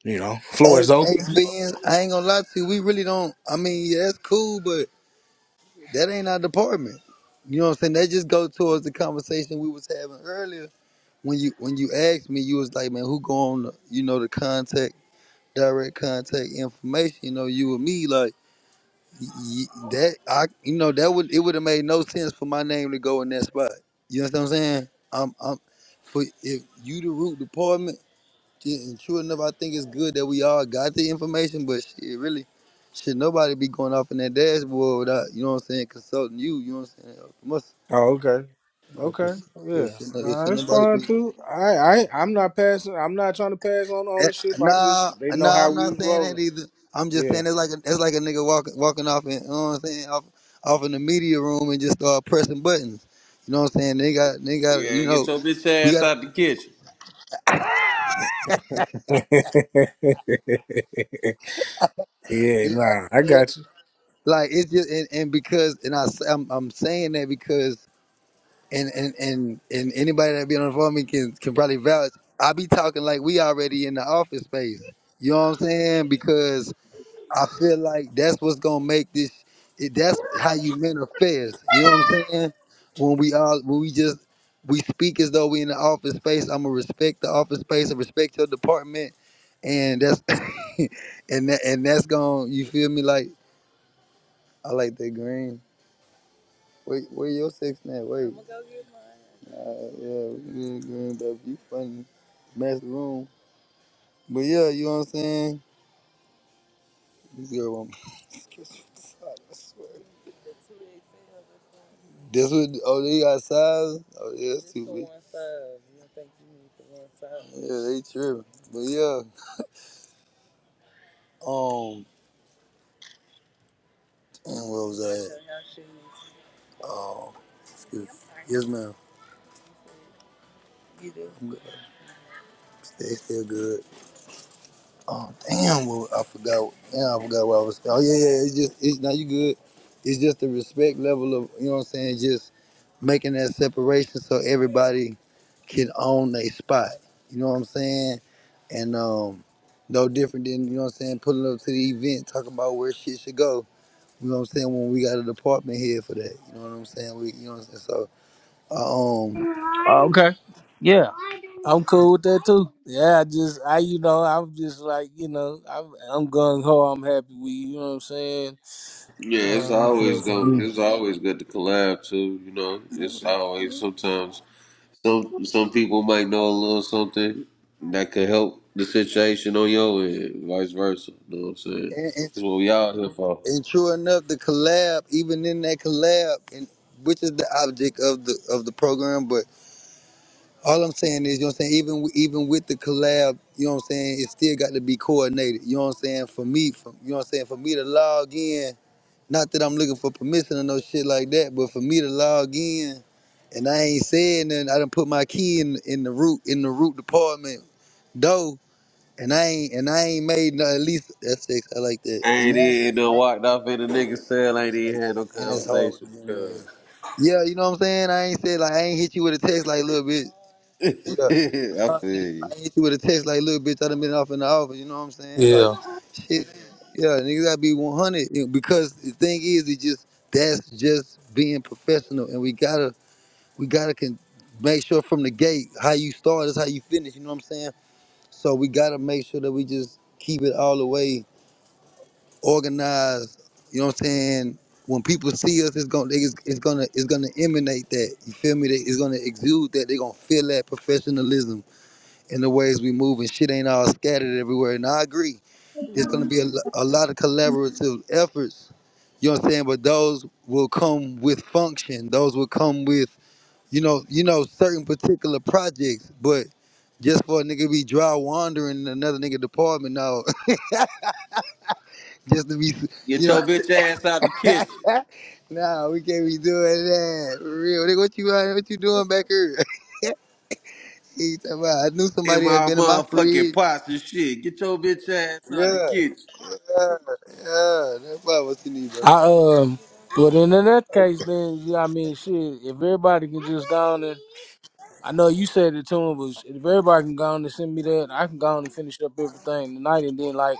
S3: you know, floor
S1: hey,
S3: is
S1: hey,
S3: open.
S1: Spins, I ain't gonna lie to you. We really don't. I mean, yeah, that's cool, but. That ain't our department. You know what I'm saying? That just go towards the conversation we was having earlier. When you when you asked me, you was like, man, who go on the you know the contact direct contact information? You know, you and me like y- y- that. I you know that would it would have made no sense for my name to go in that spot. You know what I'm saying? I'm I'm for if you the root department. Shit, and true enough, I think it's good that we all got the information, but shit, really, shit, nobody be going off in that dashboard without, you know what I'm saying, consulting you, you know what I'm saying? Must,
S3: Oh, okay.
S1: you know,
S3: Okay.
S1: just-
S3: Yeah.
S1: just should, no-
S3: Nah,
S1: should
S3: it's
S1: nobody
S3: fine
S1: be.
S3: too. I I I'm not passing I'm not trying to pass on
S1: That,
S3: ownership. I
S1: nah,
S3: just they know
S1: nah,
S3: how
S1: I'm
S3: we
S1: not
S3: was
S1: saying that
S3: rolling.
S1: either. I'm just
S3: Yeah.
S1: saying it's like a, it's like a nigga walking walking off in, you know what I'm saying, off, off in the media room and just start pressing buttons. You know what I'm saying? They got, they got, you
S4: get
S1: know,
S4: your bitch
S1: we
S4: ass
S1: got,
S4: out the kitchen.
S3: yeah,
S1: you know what
S3: nah,
S1: I'm
S3: I
S1: saying?
S3: got you.
S1: Like it's just, and, and because, and I, s- I'm, I'm saying that because. and and and and anybody that been on the phone with me can can probably vouch. I be talking like we already in the office space. You know what I'm saying? Because I feel like that's what's gonna make this. It, that's how you manifest. You know what I'm saying? When we all when we just we speak as though we in the office space. I'm gonna respect the office space and respect your department, and that's and that, and that's gonna. You feel me? Like I like that green. Wait, where your sex at? Wait. I'm gonna go get mine. Uh, yeah, we can get baby. You funny. Mess the room. But yeah, you know what I'm saying? This girl want me to kiss you inside, I swear. That's what, oh, they got size? Oh, yeah, that's too big. one size. You don't think you need the one size? Yeah, they tripping. But yeah, um, and what was that? Oh, excuse me. Yes, ma'am. I'm good. Stay still good. Oh damn! Well, I forgot. Yeah, I forgot what I was. Oh yeah, yeah. It's just it's now you good. It's just the respect level of you know what I'm saying. Just making that separation so everybody can own their spot. You know what I'm saying? And um, no different than you know what I'm saying. Pulling up to the event, talking about where shit should go. You know what I'm saying? When we got a department here for that. You know what I'm saying? We you know what I'm saying. So uh, um,
S3: Oh, okay. Yeah. I'm cool with that too. Yeah, I just I you know I'm just like you know I'm I'm gung ho. I'm happy with you. You know what I'm saying?
S4: Yeah, it's
S3: Uh, so
S4: always
S3: for
S4: going.
S3: me,
S4: It's always good to collab too. You know, it's always sometimes Some some people might know a little something that could help the situation on your end, vice versa. You know what I'm saying?
S1: and, and
S4: That's what we out here for.
S1: And true enough, the collab, even in that collab, and which is the object of the of the program, but all I'm saying is, you know what I'm saying, even w- even with the collab, you know what I'm saying, it still got to be coordinated. You know what I'm saying? For me, for, you know what I'm saying, for me to log in, not that I'm looking for permission or no shit like that, but for me to log in and I ain't saying nothing, I done put my key in in the root in the root department though, and I ain't and I ain't made no at least that's six, I like
S4: I ain't
S1: that.
S4: even done walked off in a nigga cell. ain't
S1: I like
S4: even had
S1: that.
S4: no
S1: And it's hard with
S4: conversation
S1: the
S4: because
S1: boomerang. Yeah, you know what I'm saying? I ain't said like I ain't hit you with a text like little bitch. Yeah.
S4: I feel
S1: I
S4: you.
S1: ain't hit you with a text like little bitch. I done been off in the office, you know what I'm saying? Like
S3: yeah.
S1: shit. Yeah, niggas gotta be one hundred. you know, Because the thing is it just that's just being professional and we gotta we gotta can make sure from the gate how you start is how you finish, you know what I'm saying? So we gotta make sure that we just keep it all the way organized. You know what I'm saying? When people see us, it's gonna it's, it's gonna it's gonna emanate that. You feel me? They, it's gonna exude that. They're gonna feel that professionalism in the ways we move, and shit ain't all scattered everywhere. And I agree. There's gonna be a, lo- a lot of collaborative efforts. You know what I'm saying? But those will come with function. Those will come with you know you know certain particular projects. But just for a nigga be dry wandering in another nigga department, no. just to be
S4: Get
S1: you know
S4: your bitch ass out the kitchen.
S1: nah, we can't be doing that. For real. Nigga, What you uh, what you doing back here? He talking about, I knew
S4: In
S1: somebody had
S4: my
S1: been in my
S4: motherfucking
S1: fridge.
S4: pots and shit. Get your bitch ass out
S1: Yeah,
S4: the
S1: yeah,
S4: kitchen.
S1: yeah. That's probably what you need, bro.
S3: I um, but then in that case,
S1: Okay.
S3: then yeah, I mean, shit. If everybody can just go on and I know you said it to him, but if everybody can go on and send me that, I can go on and finish up everything tonight, and then like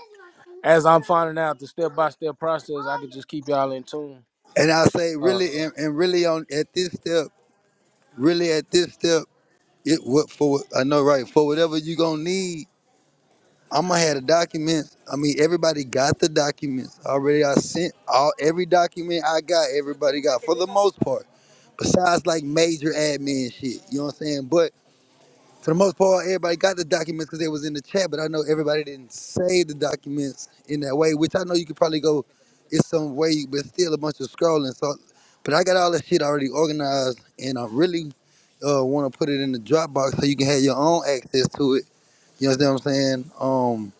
S3: as I'm finding out the step by step process, I can just keep y'all in tune.
S1: And I say
S3: Uh,
S1: really and, and really on at this step, really at this step, it what for what- I know right, for whatever you gonna need, I'm gonna have the documents. I mean everybody got the documents already I sent all every document I got, everybody got for the most part. besides like major admin shit. You know what I'm saying? But for the most part, everybody got the documents because they was in the chat. But I know everybody didn't save the documents in that way, which I know you could probably go. It's some way, but still a bunch of scrolling. So, but I got all that shit already organized, and I really uh, want to put it in the Dropbox so you can have your own access to it. You understand what I'm saying? Um,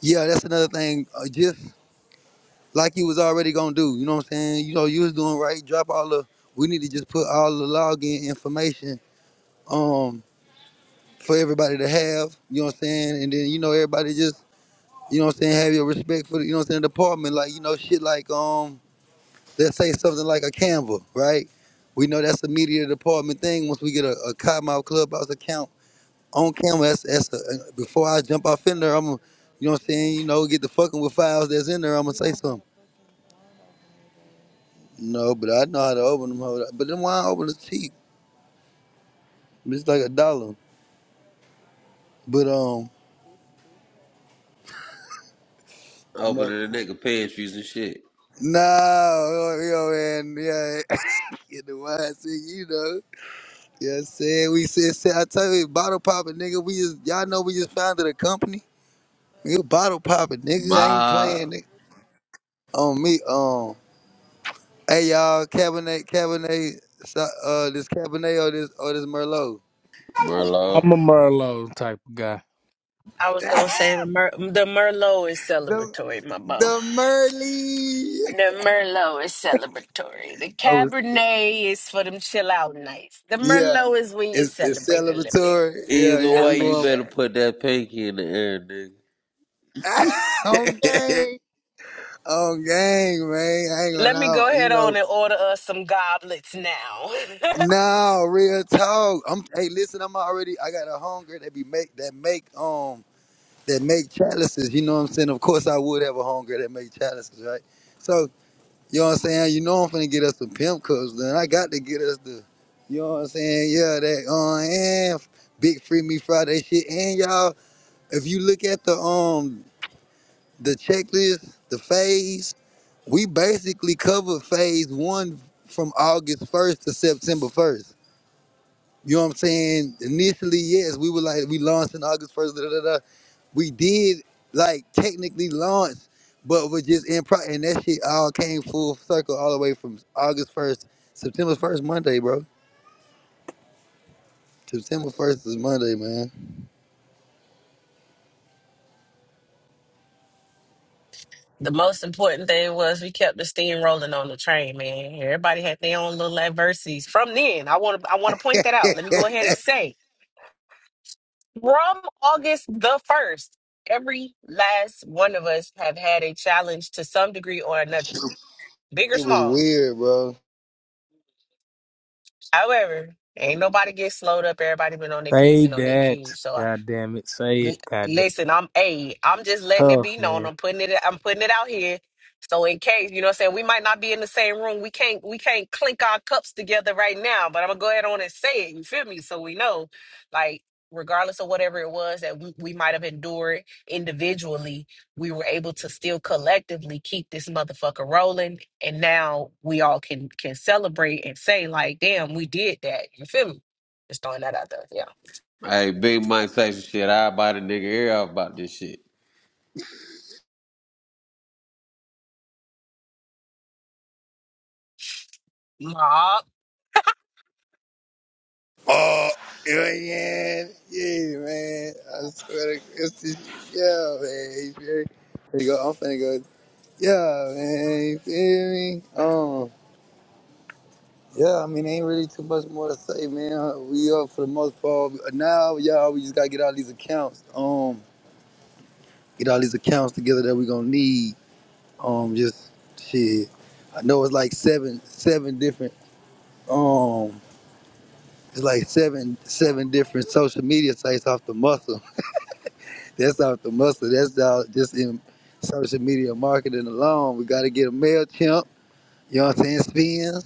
S1: yeah, that's another thing. Uh, just like you was already gonna do. You know what I'm saying? You know you was doing right. Drop all the. We need to just put all the login information um for everybody to have, you know what I'm saying? And then you know everybody just, you know what I'm saying, have your respect for the, you know what I'm saying, department like, you know shit like um let's say something like a Canva, right? We know that's a media department thing. Once we get a, a Cottonmouth Clubhouse account on Canva, that's, that's a, before I jump off in there, I'm gonna, you know what I'm saying, you know, get the fucking with files that's in there, I'm gonna say something. No, but I know how to open them. hoe. But then why I open the cheap? It's like a dollar. But um, I know.
S4: Opening the nigga pantries and shit.
S1: No, yo, yo, man, yeah, in the mindset, you know. You know what I'm saying? We said, said- I tell you, bottle popping, nigga, we just, y'all know we just founded a company. You bottle popping, nigga, I ain't
S4: My
S1: playing it. On me, um, hey, y'all, Cabernet, Cabernet, so- uh, this Cabernet or this, or this Merlot?
S4: Merlot.
S3: I'm a Merlot type of guy.
S2: I was gonna say the Mer- the Merlot is
S1: The,
S2: celebratory, my boy.
S1: the Merly.
S2: The Merlot is celebratory. The
S1: I was,
S2: Cabernet is for them chill out nights. The
S1: yeah,
S2: Merlot is when you
S1: it's, it's
S2: celebrate a little bit.
S1: celebratory. Yeah,
S4: Either
S1: yeah,
S2: Yeah,
S1: we
S4: way,
S2: for
S4: you
S1: going,
S4: better
S2: sure.
S4: put that pinky in the air, nigga.
S1: on game. Oh, gang, man. I ain't gonna
S2: Let me go
S1: lie. You
S2: ahead on
S1: know,
S2: and order us some goblets now.
S1: no, real talk. I'm hey, listen, I'm already I got a hunger that be make that make um that make chalices, you know what I'm saying? Of course I would have a hunger that make chalices, right? So, you know what I'm saying? You know I'm finna get us some pimp cups, then I got to get us the you know what I'm saying? Yeah, that uh and big free me Friday shit. And y'all, if you look at the um the checklist, the phase. We basically covered phase one from August 1st to September 1st. You know what I'm saying? Initially, yes, we were like, we launched in August 1st, da da da. da. We did like technically launch, but we're just in pro, and that shit all came full circle all the way from August 1st, September 1st, Monday, bro. September 1st is Monday, man.
S2: the most important thing was we kept the steam rolling on the train, man. Everybody had their own little adversities. From then, I want to I want to point that out. Let me go ahead and say, from August the first, every last one of us have had a challenge to some degree or another, big or
S1: It was
S2: small
S1: weird, bro.
S2: However, ain't nobody get slowed up. Everybody been on their p's
S3: Say
S2: and on their
S3: that.
S2: q's. So I,
S3: God damn it. Say it. God damn
S2: listen, I'm a. I'm just letting it
S3: tough,
S2: be known.
S3: man.
S2: I'm putting it. I'm putting it out here. So in case, you know what I'm saying, we might not be in the same room. We can't we can't clink our cups together right now, but I'm gonna go ahead on and say it, you feel me? So we know, like, regardless of whatever it was that we, we might have endured individually, we were able to still collectively keep this motherfucker rolling. And now we all can can celebrate and say, like, damn, we did that. You feel me? Just throwing that out there. Yeah.
S4: Hey, Big Mike Tyson shit. I buy the nigga ear off about this shit.
S2: Nah,
S1: Oh, yeah, yeah, yeah, man. I swear to it's just, yeah, man. You feel me? There you go. I'm finna go. Yeah, man, you feel me? Um, yeah, I mean, ain't really too much more to say, man. Uh, We up for the most part. Now, y'all, we just gotta get all these accounts, um, get all these accounts together that we gonna need. Um, just shit. I know it's like seven, seven different, um, it's like seven, seven different social media sites off the muscle. That's off the muscle. That's out just in social media marketing alone. We gotta get a Mailchimp. You know what I'm saying? Spins.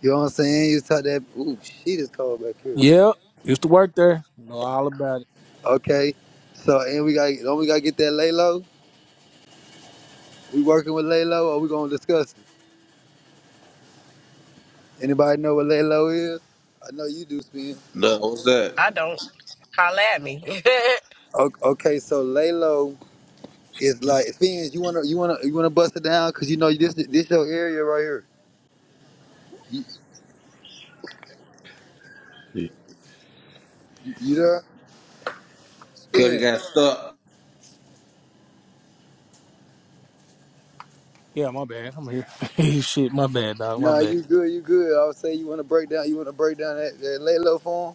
S1: You know what I'm saying? You talk that ooh, shit is cold back here.
S3: Yep. Used to work there. Know all about it.
S1: Okay. So and we got don't we gotta get that Lalo? We working with Lalo or we gonna discuss it? Anybody know what Lalo is? I know you do, Spin.
S4: No, what's that?
S2: I don't. Holla at me.
S1: O- Okay, so Lalo is like Spins, you wanna you wanna you wanna bust it down because you know this this your area right here. You,
S4: Yeah.
S1: you you there?
S4: Cause it
S1: Spin.
S4: got stuck.
S3: Yeah, my bad. I'm here. Shit, my bad, dog. My
S1: Nah,
S3: bad.
S1: you good, you good. I would say you wanna break down you wanna break down that, that Lalo form?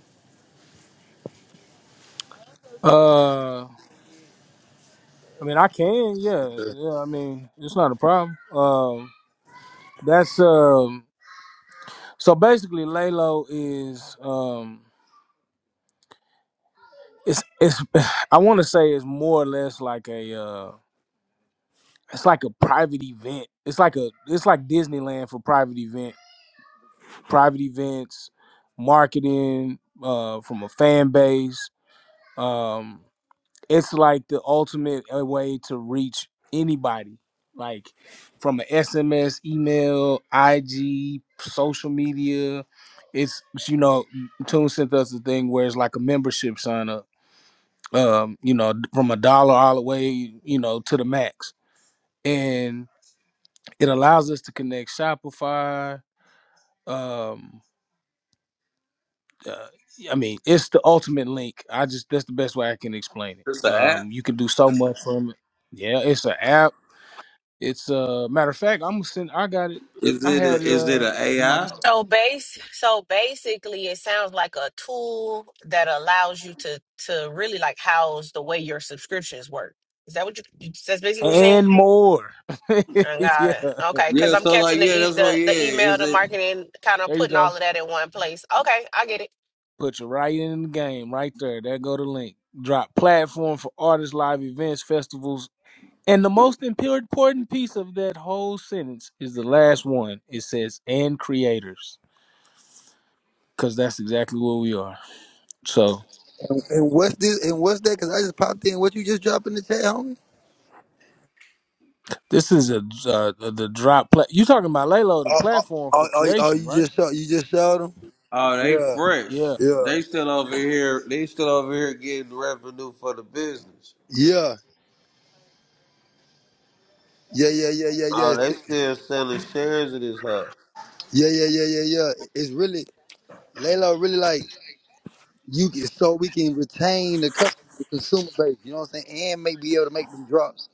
S3: Uh I mean I can, yeah. Yeah, I mean, it's not a problem. Um that's um so basically Lalo is um it's it's I wanna say it's more or less like a uh it's like a private event. It's like a it's like Disneyland for private event private events, marketing uh, from a fan base. Um, it's like the ultimate uh, way to reach anybody, like from an SMS, email, IG, social media. It's you know, Tune sent us a thing where it's like a membership sign up. Um, you know, from a dollar all the way, you know, to the max, and it allows us to connect Shopify. Um, uh, yeah, I mean, it's the ultimate link. I just that's the best way I can explain
S4: It's
S3: it.
S4: an app.
S3: Um, you can do so much from it. Yeah, it's an app. It's a uh, matter of fact. I'm gonna send. I got it.
S4: Is
S3: I
S4: it
S3: had
S4: a
S3: it.
S4: is it
S3: Uh,
S4: a
S3: in my
S4: AI?
S3: notes.
S2: So base so basically it sounds like a tool that allows you to to really like house the way your subscriptions work. Is that what you you- that's basically what you're saying?
S3: and more.
S2: I got
S3: yeah,
S2: it. Okay, cuz
S4: Yeah,
S2: I'm
S4: so like
S2: catching the
S4: yeah,
S2: e
S4: that's what
S2: the,
S4: yeah.
S2: the email,
S4: Is
S2: the
S4: it
S2: marketing, kind of
S3: there you
S2: putting
S3: go.
S2: all of that in one place. Okay, I get it.
S3: Put you right in the game, right there. There go the link. Drop platform for artists, live events, festivals, and the most impor- important piece of that whole sentence is the last one. It says and creators, because that's exactly what we are. So
S1: And, and what's this and what's that? Cause I just popped in. What you just dropped in the chat, homie?
S3: This is a uh, the drop. Pla- you talking about Lalo, the
S1: Oh, oh,
S3: platform
S1: oh,
S3: for
S1: oh, oh,
S3: creation,
S1: you
S3: right?
S1: just showed, you just showed him?
S4: oh they
S1: Yeah,
S4: fresh.
S3: Yeah.
S1: yeah,
S4: They still over here they still over here getting revenue for the business.
S1: yeah, yeah, yeah, yeah, yeah, yeah,
S4: Oh, they still selling shares of this huh.
S1: yeah, yeah, yeah, yeah, yeah. It's really Layla really like you can so we can retain the customer, the consumer base. You know what I'm saying? And maybe be able to make them drops.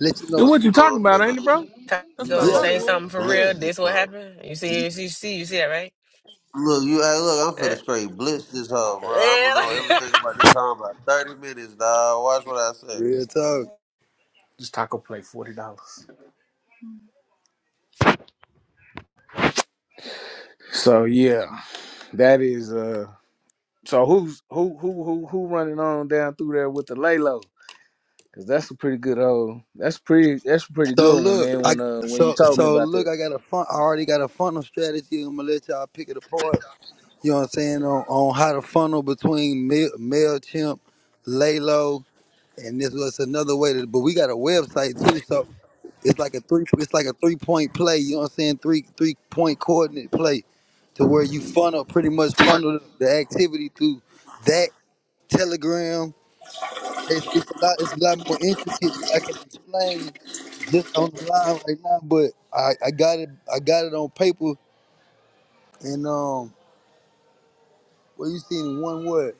S1: Let you know.
S3: Then
S4: Well,
S3: what
S4: you
S3: you talking
S4: know I'm
S3: about, ain't it,
S4: finna
S3: bro?
S2: Time to
S3: That's
S4: you
S3: what
S2: Go
S3: I
S2: to
S4: know
S1: Yeah,
S4: I'm
S3: thought it
S2: say
S4: finna
S3: was.
S1: man.
S2: something for
S3: Yeah.
S2: real.
S4: blitz this
S2: This what
S4: huh.
S2: happened. You see, you see, you see, you see that, right?
S4: Look, you hey, look, I'm
S2: Uh,
S4: finna straight blitz this hoe, bro. I'm gonna know
S2: Yeah.
S4: everything about this hoe in about 30 minutes, dog. Watch what I say.
S1: real talk.
S3: This taco plate forty dollars. So yeah, that is uh. So who's who who who who running on down through there with the Lalo? Cause that's a pretty good old. That's pretty. That's a pretty
S1: So
S3: good one,
S1: look,
S3: man.
S1: I
S3: When uh when you
S1: so
S3: told me
S1: so
S3: about
S1: look.
S3: that.
S1: I got a fun. I already got a funnel strategy. I'm gonna let y'all pick it apart. You know what I'm saying on, on how to funnel between Mail, Mailchimp, Laylo. and this was another way to but we got a website too so it's like a three it's like a three point play you know what i'm saying three three point coordinate play to where you funnel pretty much funnel the activity through that telegram it's, it's a lot it's a lot more intricate than i can explain just on the line right now but i i got it i got it on paper and um well you seen in one word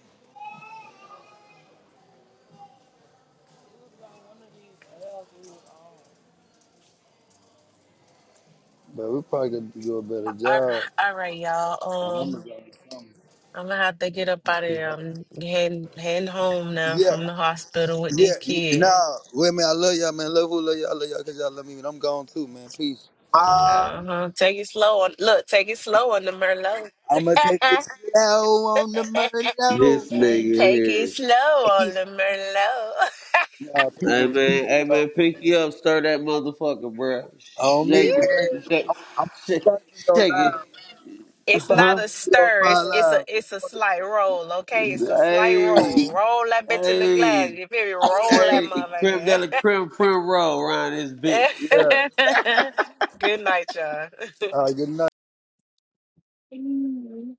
S1: but we probably got to do a better
S2: all right,
S1: job
S2: all right,
S1: on
S2: y'all.
S1: amazon
S2: Um,
S1: or something
S2: I'm gonna have to get up
S1: It's
S2: out of
S1: too
S2: there.
S1: hard.
S2: I'm heading, heading home now
S1: Yeah,
S2: from the hospital with
S1: Yeah,
S2: this
S1: y-
S2: kid.
S1: nah, wait, man, I love y'all, man. Love who love y'all, I love y'all, cause y'all love me, man. I'm gone too, man. Peace.
S4: Ah,
S2: Uh-huh. Take it slow on look, take it slow on the Merlot.
S1: I'ma take it slow on the money low,
S4: this nigga
S2: take it
S4: here.
S2: slow
S1: man.
S2: on the Merlot.
S1: nah, peace
S4: Hey
S1: and love,
S4: man, hey man,
S1: everybody.
S4: pinky up, stir that motherfucker, bro. Sh-
S1: On me,
S4: Shake
S1: man.
S4: it, shake,
S1: I'm, I'm
S4: shake,
S1: probably gonna go
S4: shake it,
S1: live, man. I'm
S2: it's not
S1: probably
S4: huh?
S1: gonna go
S2: stir, it's it's a
S1: live, man.
S2: it's a
S1: Fuck
S2: slight roll, okay? It's a slight
S4: Hey,
S2: roll.
S1: it.
S2: Roll that bitch in the
S4: hey,
S2: glass. You feel me? Roll
S4: hey, creme de
S2: that
S4: la creme prim roll around this bitch.
S1: Yeah.
S2: motherfucker. Good night, y'all.
S1: Uh, good night.